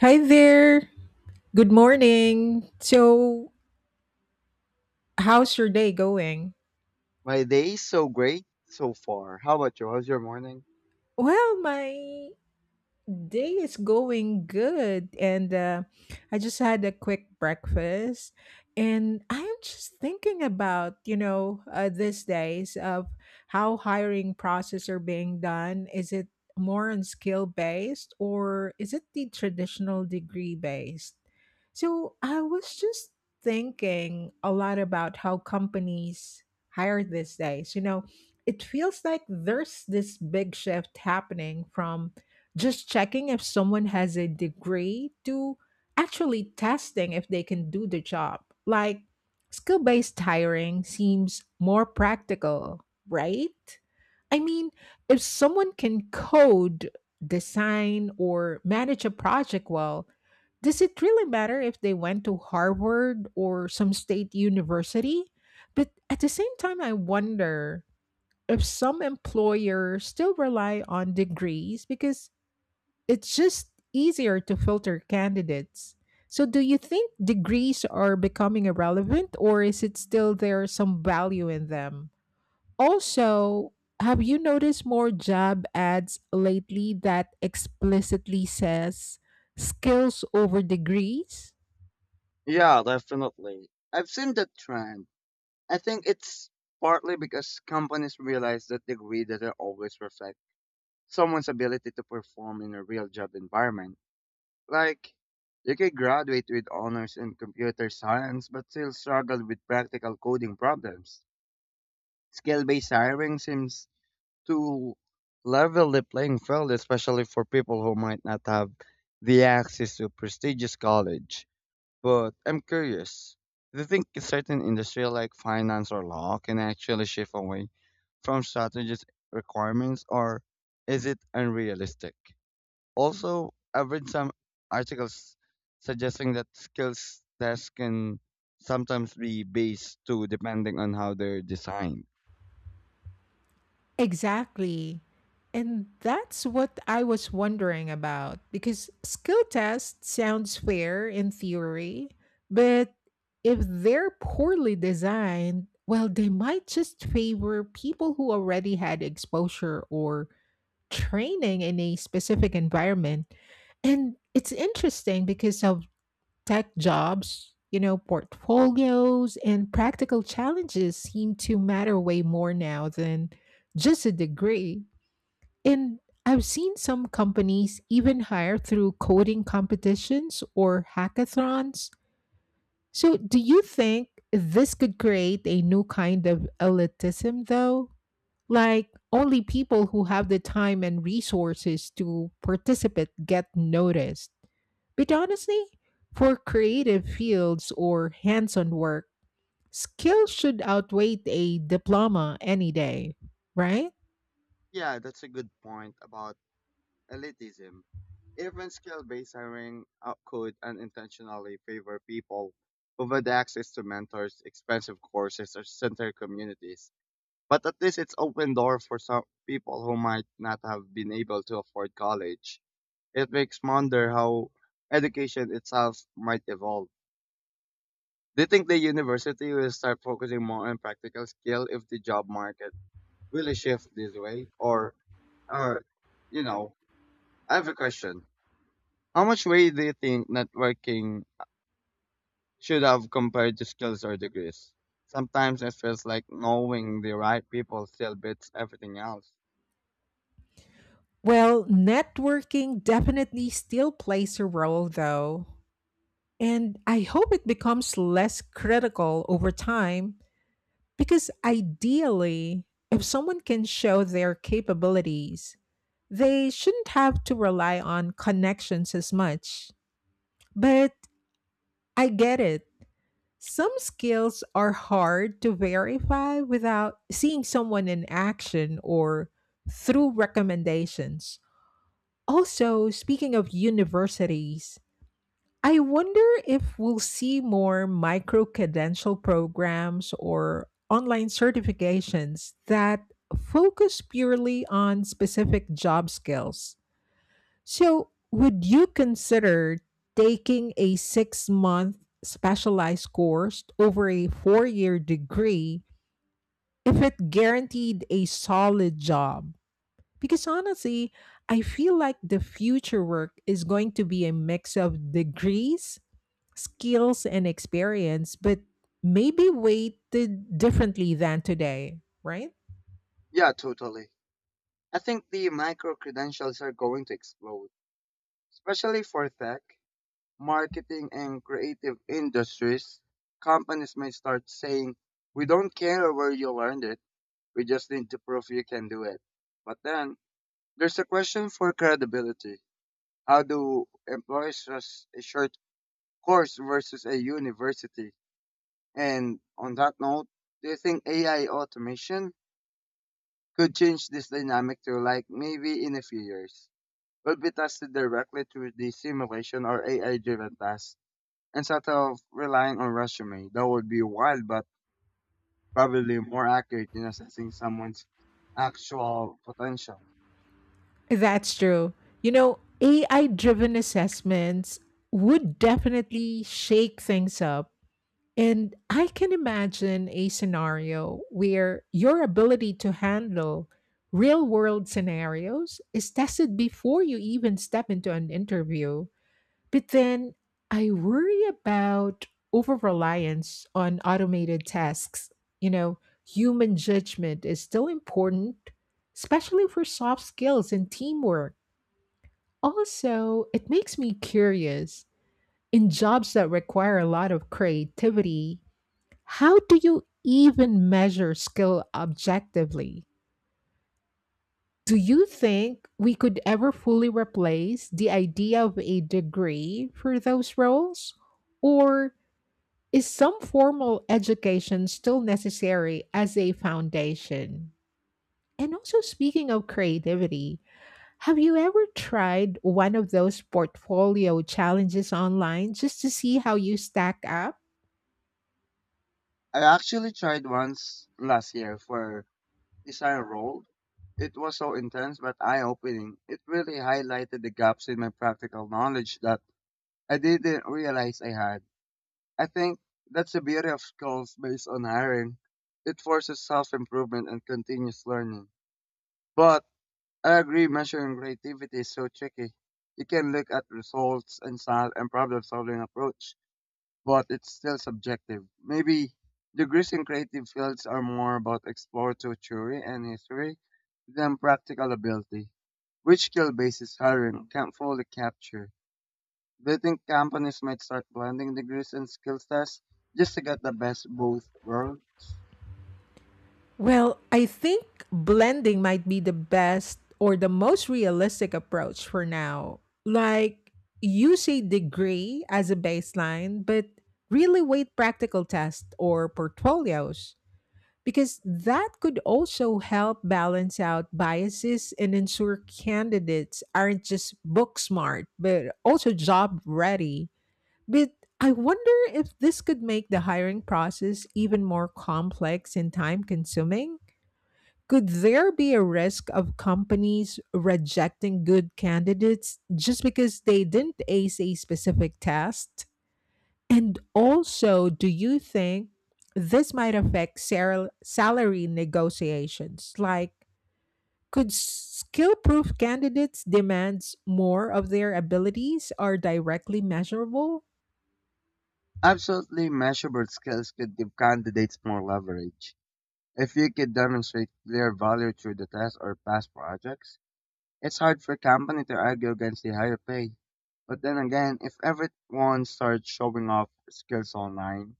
Hi there. Good morning. How's your day going? My day's so great so far. How about you? How's your morning? My day is going good, and I just had a quick breakfast, and I'm just thinking about these days of how hiring process are being done. Is it more on skill based or is it the traditional degree based? So I was just thinking a lot about how companies hire these days. You know, it feels like there's this big shift happening from just checking if someone has a degree to actually testing if they can do the job. Like skill based hiring seems more practical, right? I mean, if someone can code, design, or manage a project well, does it really matter if they went to Harvard or some state university? But at the same time, I wonder if some employers still rely on degrees because it's just easier to filter candidates. So, do you think degrees are becoming irrelevant, or is it still there some value in them? Also, have you noticed more job ads lately that explicitly says skills over degrees? Yeah, definitely. I've seen that trend. I think it's partly because companies realize that degree doesn't always reflect someone's ability to perform in a real job environment. Like, you can graduate with honors in computer science but still struggle with practical coding problems. Skill based hiring seems to level the playing field, especially for people who might not have the access to prestigious college. But I'm curious, do you think a certain industry like finance or law can actually shift away from strategist requirements or is it unrealistic? Also, I've read some articles suggesting that skills tests can sometimes be based too depending on how they're designed. Exactly. And that's what I was wondering about because skill test sounds fair in theory, but if they're poorly designed, well, they might just favor people who already had exposure or training in a specific environment. And it's interesting because of tech jobs, you know, portfolios and practical challenges seem to matter way more now than just a degree. And I've seen some companies even hire through coding competitions or hackathons. So, do you think this could create a new kind of elitism, though? Like, only people who have the time and resources to participate get noticed. But honestly, for creative fields or hands on work, skills should outweigh a diploma any day, right? Yeah, that's a good point about elitism. Even skill-based hiring could unintentionally favor people who've had access to mentors, expensive courses, or center communities. But at least it's open door for some people who might not have been able to afford college. It makes wonder how education itself might evolve. Do you think the university will start focusing more on practical skill if the job market really shifts this way? Or, you know, I have a question. How much weight do you think networking should have compared to skills or degrees? Sometimes it feels like knowing the right people still beats everything else. Well, networking definitely still plays a role, though. And I hope it becomes less critical over time because ideally, if someone can show their capabilities, they shouldn't have to rely on connections as much. But I get it. Some skills are hard to verify without seeing someone in action or through recommendations. Also, speaking of universities, I wonder if we'll see more micro credential programs or online certifications that focus purely on specific job skills. So, would you consider taking a 6-month specialized course over a 4-year degree if it guaranteed a solid job? Because honestly, I feel like the future work is going to be a mix of degrees, skills, and experience, but maybe weighted differently than today, right? Yeah, totally. I think the micro credentials are going to explode, especially for tech, marketing, and creative industries. Companies may start saying, we don't care where you learned it, we just need to prove you can do it. But then, there's a question for credibility. How do employers trust a short course versus a university. And on that note, do you think AI automation could change this dynamic to like maybe in a few years? Will be tested directly through the simulation or AI driven tasks instead of relying on resume. That would be wild, but probably more accurate in assessing someone's actual potential. That's true. You know, AI driven assessments would definitely shake things up. And I can imagine a scenario where your ability to handle real world scenarios is tested before you even step into an interview. But then I worry about over reliance on automated tasks. You know, human judgment is still important, especially for soft skills and teamwork. Also, it makes me curious, in jobs that require a lot of creativity, how do you even measure skill objectively? Do you think we could ever fully replace the idea of a degree for those roles? Or is some formal education still necessary as a foundation? And also, speaking of creativity, have you ever tried one of those portfolio challenges online just to see how you stack up? I actually tried once last year for Desire rolled. It was so intense but eye-opening. It really highlighted the gaps in my practical knowledge that I didn't realize I had. I think that's the beauty of schools based on hiring. It forces self-improvement and continuous learning. But I agree measuring creativity is so tricky. You can look at results and style and problem-solving approach, but it's still subjective. Maybe degrees in creative fields are more about exploratory theory and history than practical ability, which skill bases hiring can't fully capture. Do you think companies might start blending degrees and skill tests just to get the best both worlds? Well, I think blending might be the best or the most realistic approach for now. Like, use a degree as a baseline, but really weight practical tests or portfolios, because that could also help balance out biases and ensure candidates aren't just book smart, but also job ready. But I wonder if this could make the hiring process even more complex and time consuming. Could there be a risk of companies rejecting good candidates just because they didn't ace a specific test? And also, do you think this might affect salary negotiations? Like, could skill proof candidates' demands more of their abilities are directly measurable? Absolutely measurable skills could give candidates more leverage. If you could demonstrate clear value through the test or past projects, it's hard for a company to argue against the higher pay. But then again, if everyone starts showing off skills online,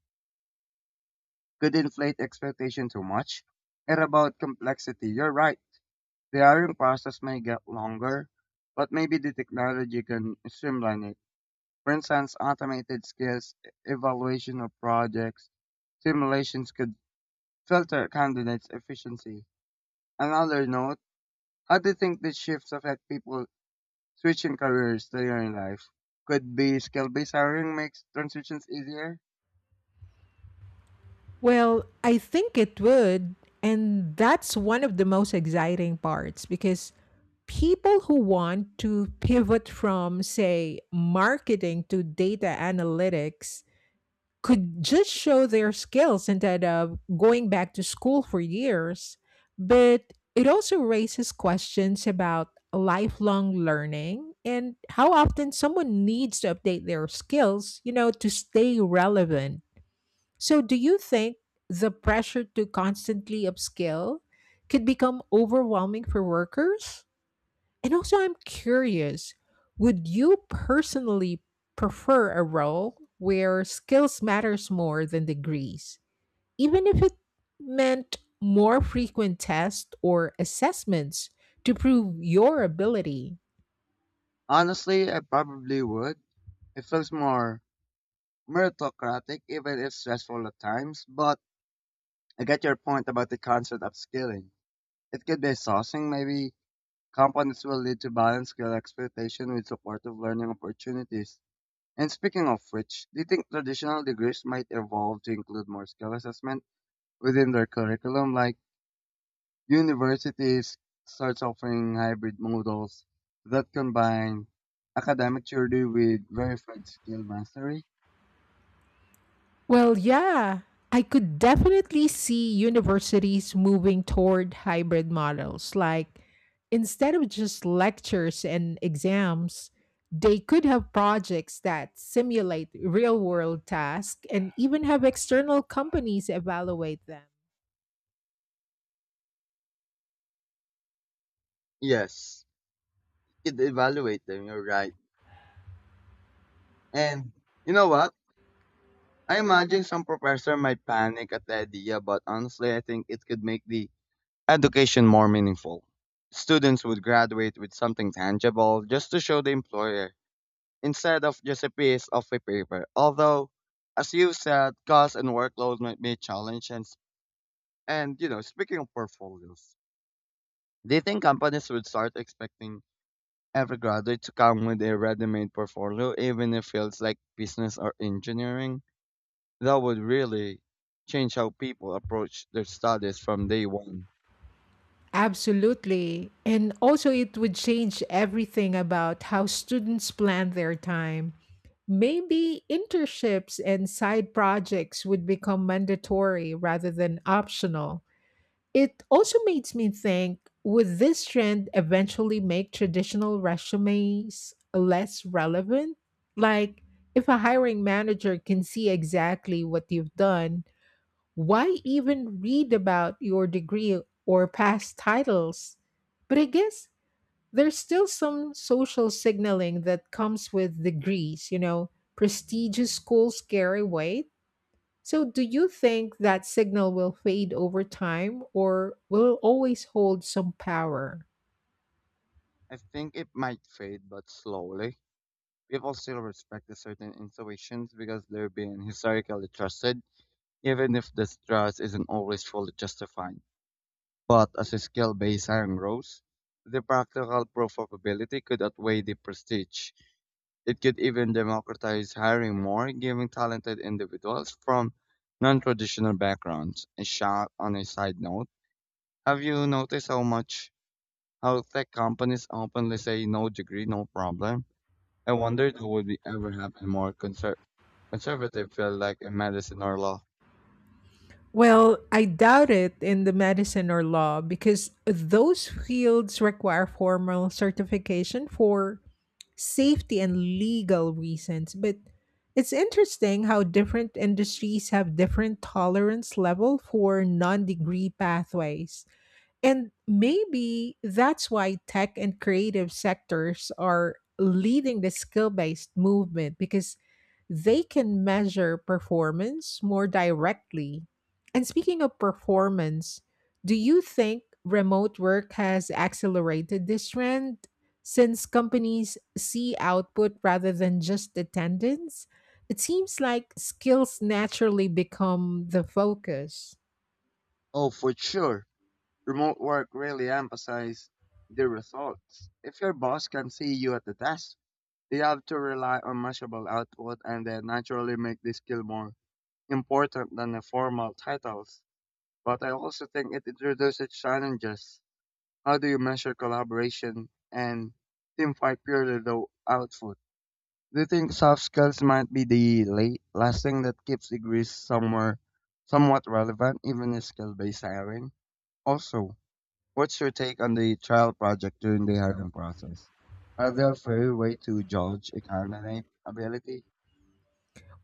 could inflate expectation too much? And about complexity, you're right. The hiring process may get longer, but maybe the technology can streamline it. For instance, automated skills, evaluation of projects, simulations could filter candidates' efficiency. Another note, how do you think these shifts affect people switching careers later in life? Could be skill-based hiring makes transitions easier. Well, I think it would. And that's one of the most exciting parts because people who want to pivot from, say, marketing to data analytics could just show their skills instead of going back to school for years. But it also raises questions about lifelong learning and how often someone needs to update their skills, you know, to stay relevant. So, do you think the pressure to constantly upskill could become overwhelming for workers? And also, I'm curious, would you personally prefer a role where skills matters more than degrees, even if it meant more frequent tests or assessments to prove your ability? Honestly, I probably would. It feels more meritocratic, even if stressful at times. But I get your point about the concept of skilling. It could be exhausting. Maybe companies will need to balance skill expectation with supportive learning opportunities. And speaking of which, do you think traditional degrees might evolve to include more skill assessment within their curriculum, like universities start offering hybrid models that combine academic theory with verified skill mastery. Well, yeah, I could definitely see universities moving toward hybrid models. Like, instead of just lectures and exams, they could have projects that simulate real world tasks and even have external companies evaluate them. Yes, you could evaluate them, you're right. And you know what? I imagine some professor might panic at the idea, but honestly, I think it could make the education more meaningful. Students would graduate with something tangible just to show the employer instead of just a piece of a paper. Although, as you said, cost and workload might be a challenge, and you know, speaking of portfolios, do you think companies would start expecting every graduate to come with a ready-made portfolio, even if fields like business or engineering? That would really change how people approach their studies from day one. Absolutely. And also, it would change everything about how students plan their time. Maybe internships and side projects would become mandatory rather than optional. It also makes me think, would this trend eventually make traditional resumes less relevant? Like, if a hiring manager can see exactly what you've done, why even read about your degree or past titles? But I guess there's still some social signaling that comes with degrees, you know, prestigious schools carry weight. So, do you think that signal will fade over time or will it always hold some power? I think it might fade, but slowly. People still respect the certain institutions because they're being historically trusted, even if this trust isn't always fully justified. But as the skill-based hiring rose, the practical proof of ability could outweigh the prestige. It could even democratize hiring more, giving talented individuals from non-traditional backgrounds. A shot on a side note, have you noticed how much how tech companies openly say no degree, no problem? I wondered who would be ever have a more conservative field like in medicine or law. Well, I doubt it in the medicine or law because those fields require formal certification for safety and legal reasons. But it's interesting how different industries have different tolerance level for non-degree pathways. And maybe that's why tech and creative sectors are leading the skill based movement because they can measure performance more directly. And speaking of performance, do you think remote work has accelerated this trend since companies see output rather than just attendance? It seems like skills naturally become the focus. Oh, for sure. Remote work really emphasizes the results. If your boss can see you at the desk, they have to rely on measurable output and they naturally make this skill more important than the formal titles. But I also think it introduces challenges. How do you measure collaboration and teamfight purely the output? Do you think soft skills might be the late last thing that keeps degrees somewhere somewhat relevant, even in skill-based hiring? Also, what's your take on the trial project during the hiring process? Are there fair way to judge a candidate ability?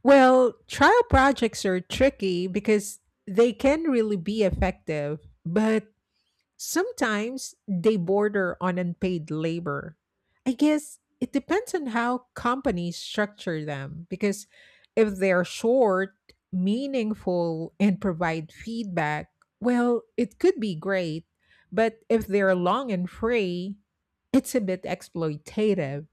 Well, trial projects are tricky because they can really be effective, but sometimes they border on unpaid labor. I guess it depends on how companies structure them because if they're short, meaningful, and provide feedback, well, it could be great. But if they're long and free, it's a bit exploitative.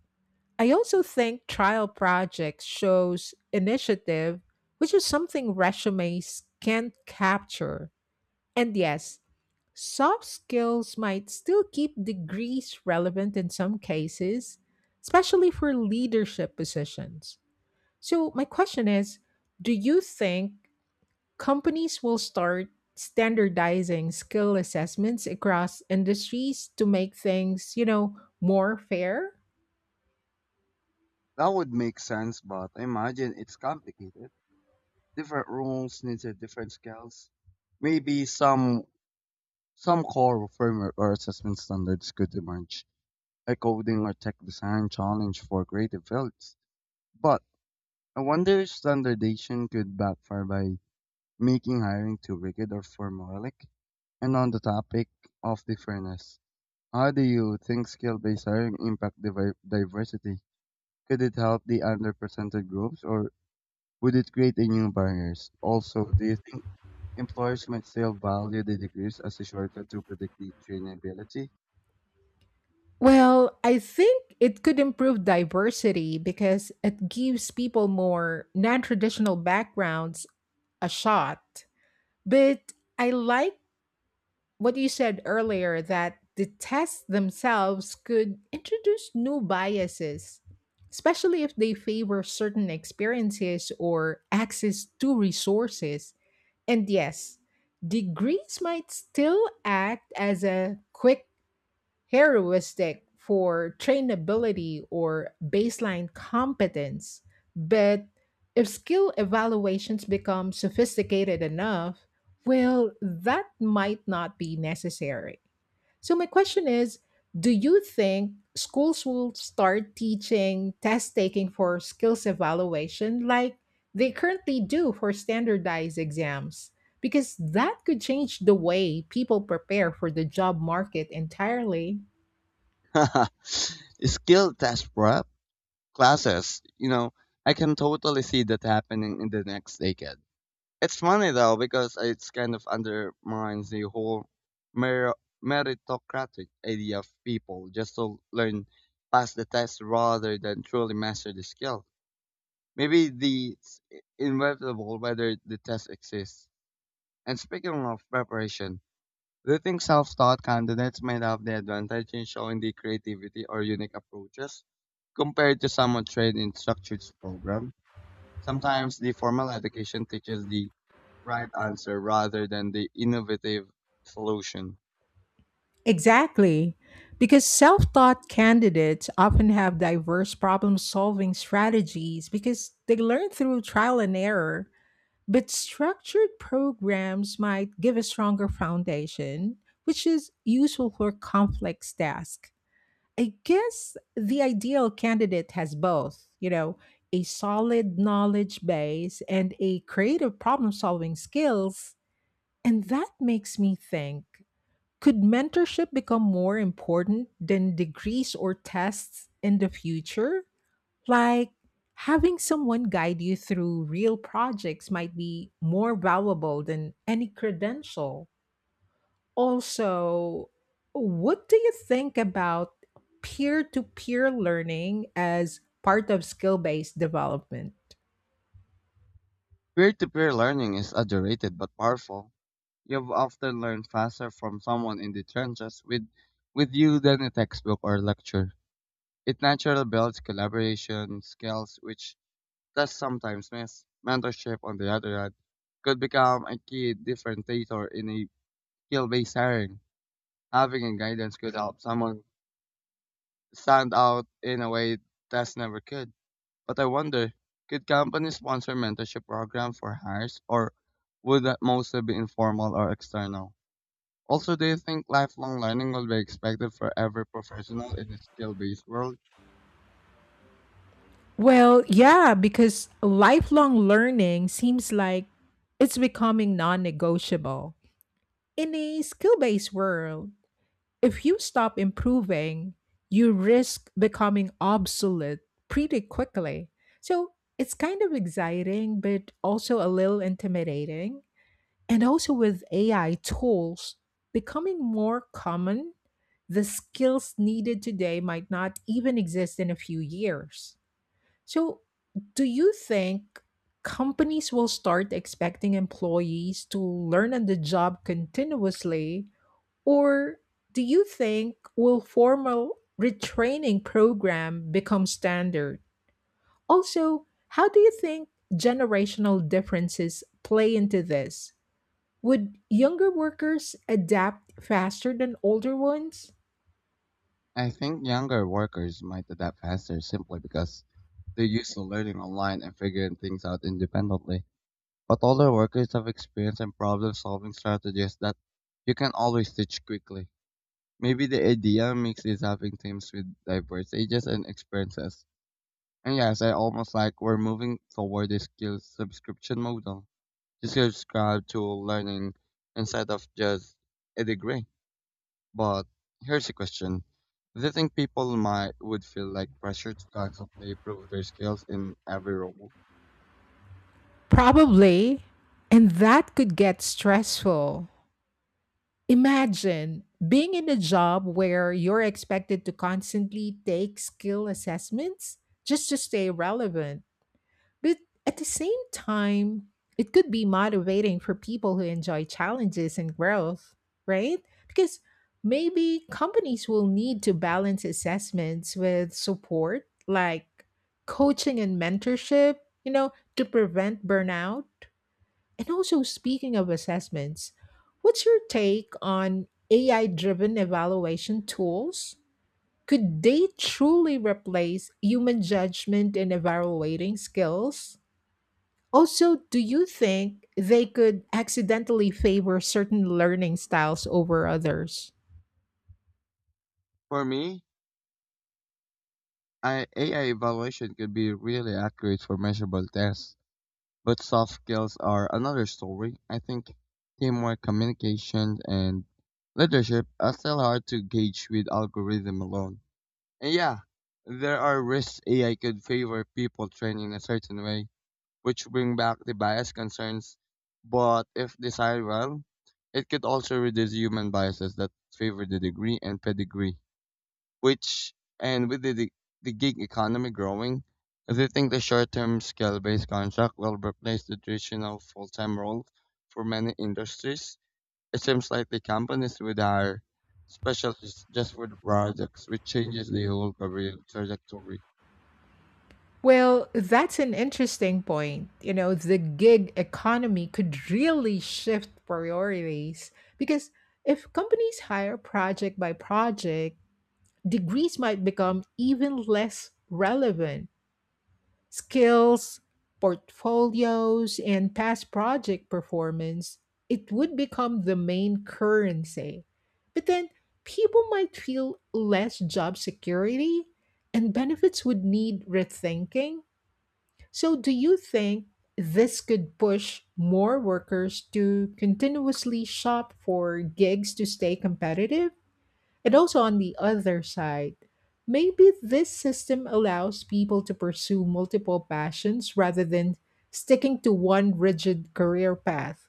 I also think trial projects shows initiative, which is something resumes can't capture. And yes, soft skills might still keep degrees relevant in some cases, especially for leadership positions. So, my question is, do you think companies will start standardizing skill assessments across industries to make things, you know, more fair? That would make sense, but I imagine it's complicated. Different roles need different skills. Maybe some core framework or assessment standards could emerge, like coding or tech design challenge for creative fields. But I wonder if standardization could backfire by making hiring too rigid or formulaic. And on the topic of the fairness, how do you think skill-based hiring impact diversity? Could it help the underrepresented groups or would it create a new barriers? Also, do you think employers might still value the degrees as a shortcut to predict the trainability? Well, I think it could improve diversity because it gives people more non traditional backgrounds a shot. But I like what you said earlier that the tests themselves could introduce new biases, especially if they favor certain experiences or access to resources. And yes, degrees might still act as a quick heuristic for trainability or baseline competence. But if skill evaluations become sophisticated enough, well, that might not be necessary. So, my question is, do you think schools will start teaching test taking for skills evaluation like they currently do for standardized exams? Because that could change the way people prepare for the job market entirely. Skill test prep classes, you know, I can totally see that happening in the next decade. It's funny though because it's kind of undermines the whole mer- meritocratic idea of people just to learn pass the test rather than truly master the skill. Maybe the it's inevitable whether the test exists. And speaking of preparation, do you think self-taught candidates might have the advantage in showing the creativity or unique approaches compared to someone trained in structured program? Sometimes the formal education teaches the right answer rather than the innovative solution. Exactly. Because self taught candidates often have diverse problem solving strategies because they learn through trial and error. But structured programs might give a stronger foundation, which is useful for complex tasks. I guess the ideal candidate has both, you know, a solid knowledge base and a creative problem solving skills. And that makes me think. Could mentorship become more important than degrees or tests in the future? Like having someone guide you through real projects might be more valuable than any credential. Also, what do you think about peer to peer learning as part of skill based development? Peer to peer learning is underrated but powerful. You've often learned faster from someone in the trenches with you than a textbook or lecture. It naturally builds collaboration skills, which does sometimes miss. Mentorship, on the other hand, could become a key differentiator in a skill based hiring. Having a guidance could help someone stand out in a way tests never could. But I wonder, could companies sponsor mentorship programs for hires, or would that mostly be informal or external? Also, do you think lifelong learning will be expected for every professional in a skill-based world? Well, yeah, because lifelong learning seems like it's becoming non negotiable. In a skill based world, if you stop improving, you risk becoming obsolete pretty quickly. So it's kind of exciting, but also a little intimidating. And also with AI tools becoming more common, the skills needed today might not even exist in a few years. So, do you think companies will start expecting employees to learn on the job continuously or do you think will formal retraining program become standard? Also, how do you think generational differences play into this? Would younger workers adapt faster than older ones? I think younger workers might adapt faster simply because they're used to learning online and figuring things out independently. But older workers have experience and problem-solving strategies that you can always teach quickly. Maybe the idea mix is having teams with diverse ages and experiences. And yes, I almost like we're moving toward a skill subscription model. You subscribe to learning instead of just a degree. But here's a question. Do you think people might would feel like pressure to constantly improve their skills in every role? Probably, and that could get stressful. Imagine being in a job where you're expected to constantly take skill assessments just to stay relevant. But at the same time, it could be motivating for people who enjoy challenges and growth, right? Because maybe companies will need to balance assessments with support like coaching and mentorship, you know, to prevent burnout. And also, speaking of assessments, what's your take on AI driven evaluation tools? Could they truly replace human judgment in evaluating skills? Also, do you think they could accidentally favor certain learning styles over others? For me, AI evaluation could be really accurate for measurable tests. But soft skills are another story. I think teamwork, communication, and leadership are still hard to gauge with algorithm alone. And yeah, there are risks AI could favor people trained in a certain way, which bring back the bias concerns. But if desired well, it could also reduce human biases that favor the degree and pedigree which and with the gig economy growing, if you think the short-term scale-based contract will replace the traditional full-time role for many industries. It seems like the companies would hire specialists just for the projects, which changes the whole career trajectory. Well, that's an interesting point. You know, the gig economy could really shift priorities because if companies hire project by project, degrees might become even less relevant. Skills, portfolios, and past project performance, it would become the main currency. But then people might feel less job security and benefits would need rethinking. So, do you think this could push more workers to continuously shop for gigs to stay competitive? And also, on the other side, maybe this system allows people to pursue multiple passions rather than sticking to one rigid career path.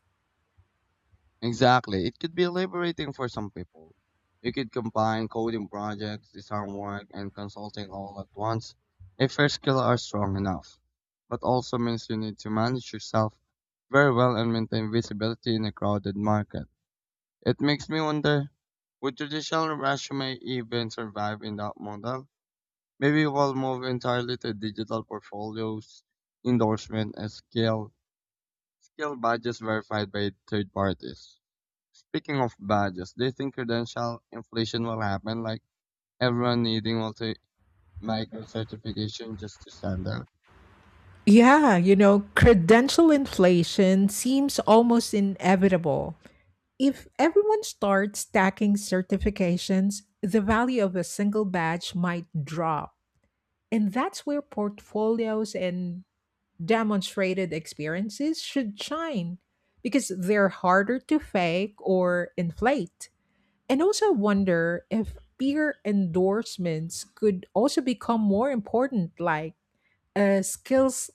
Exactly. It could be liberating for some people. You could combine coding projects, design work, and consulting all at once if your skills are strong enough. But also means you need to manage yourself very well and maintain visibility in a crowded market. It makes me wonder, would traditional resume even survive in that model? Maybe we'll move entirely to digital portfolios, endorsement, and skill badges verified by third parties. Speaking of badges, do you think credential inflation will happen? Like everyone needing multi micro certification just to stand out. Yeah, you know, credential inflation seems almost inevitable. If everyone starts stacking certifications, the value of a single badge might drop. And that's where portfolios and demonstrated experiences should shine because they're harder to fake or inflate. And also wonder if peer endorsements could also become more important, like a skills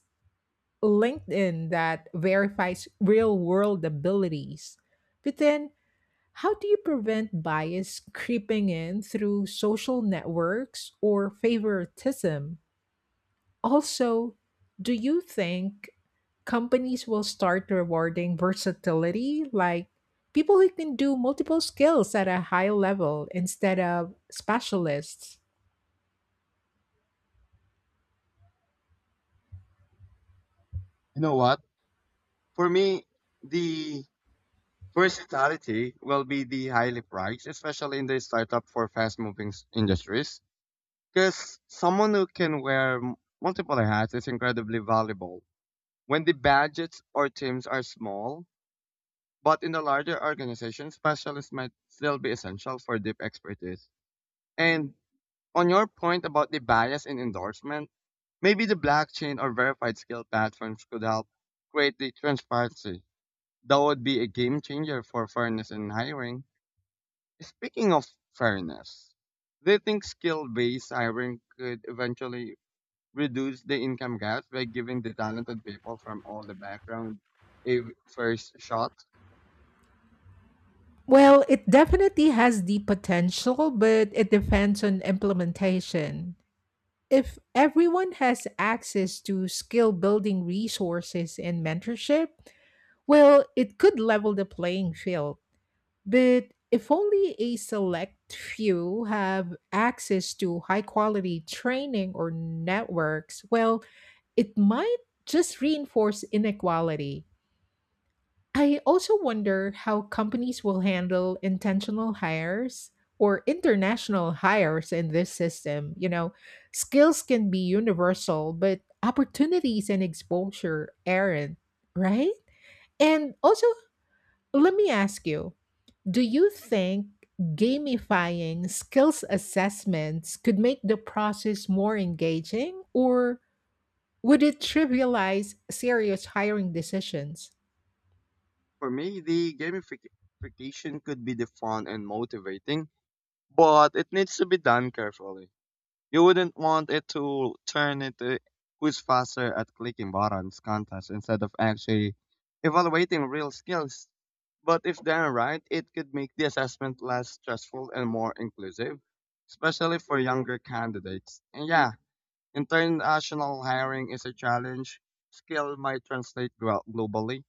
LinkedIn that verifies real world abilities. But then, how do you prevent bias creeping in through social networks or favoritism? Also, do you think companies will start rewarding versatility, like people who can do multiple skills at a high level instead of specialists? You know what? For me, the versatility will be the highly prized, especially in the startup for fast moving industries. Because someone who can wear multiple hats is incredibly valuable. When the budgets or teams are small, but in the larger organizations, specialists might still be essential for deep expertise. And on your point about the bias in endorsement, maybe the blockchain or verified skill platforms could help create the transparency. That would be a game changer for fairness in hiring. Speaking of fairness, do you think skill based hiring could eventually reduce the income gap by giving the talented people from all the background a first shot? Well, it definitely has the potential, but it depends on implementation. If everyone has access to skill building resources and mentorship, well, it could level the playing field. But if only a select few have access to high quality training or networks, well, it might just reinforce inequality. I also wonder how companies will handle intentional hires or international hires in this system. You know, skills can be universal, but opportunities and exposure aren't, right? And also, let me ask you, do you think gamifying skills assessments could make the process more engaging, or would it trivialize serious hiring decisions? For me, the gamification could be the fun and motivating, but it needs to be done carefully. You wouldn't want it to turn into who's faster at clicking buttons contest instead of actually evaluating real skills. But if done right, it could make the assessment less stressful and more inclusive, especially for younger candidates. And yeah, international hiring is a challenge. Skill might translate globally,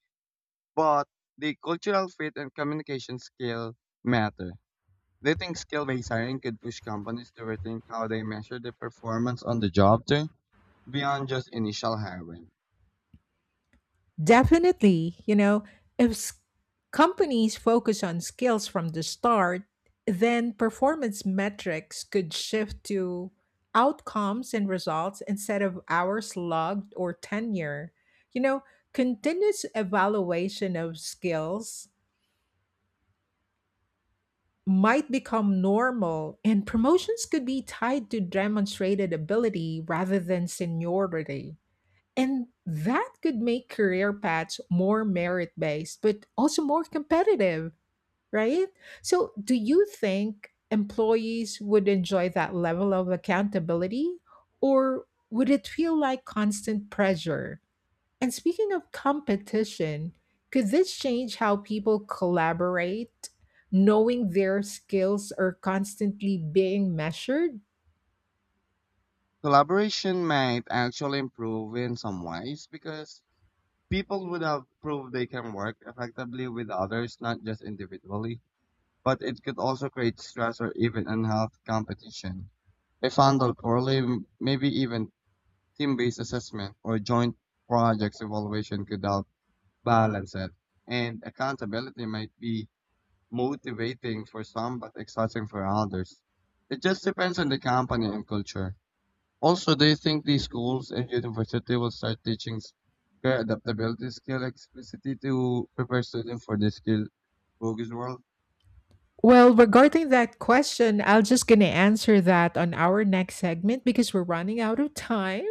but the cultural fit and communication skill matter. They think skill-based hiring could push companies to rethink how they measure the performance on the job too, beyond just initial hiring? Definitely, you know, if s- companies focus on skills from the start, then performance metrics could shift to outcomes and results instead of hours logged or tenure. You know, continuous evaluation of skills might become normal, and promotions could be tied to demonstrated ability rather than seniority. And that could make career paths more merit based, but also more competitive, right? So, do you think employees would enjoy that level of accountability, or would it feel like constant pressure? And speaking of competition, could this change how people collaborate, knowing their skills are constantly being measured? Collaboration might actually improve in some ways because people would have proved they can work effectively with others, not just individually. But it could also create stress or even unhealthy competition. If handled poorly, maybe even team-based assessment or joint projects evaluation could help balance it, and accountability might be motivating for some but exhausting for others. It just depends on the company and culture. Also, do you think these schools and university will start teaching career adaptability skill explicitly to prepare students for the skill focused world? Well, regarding that question, I'll just gonna answer that on our next segment because we're running out of time.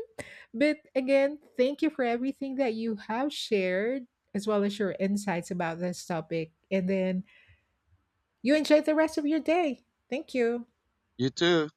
But again, thank you for everything that you have shared, as well as your insights about this topic. And then you enjoy the rest of your day. Thank you. You too.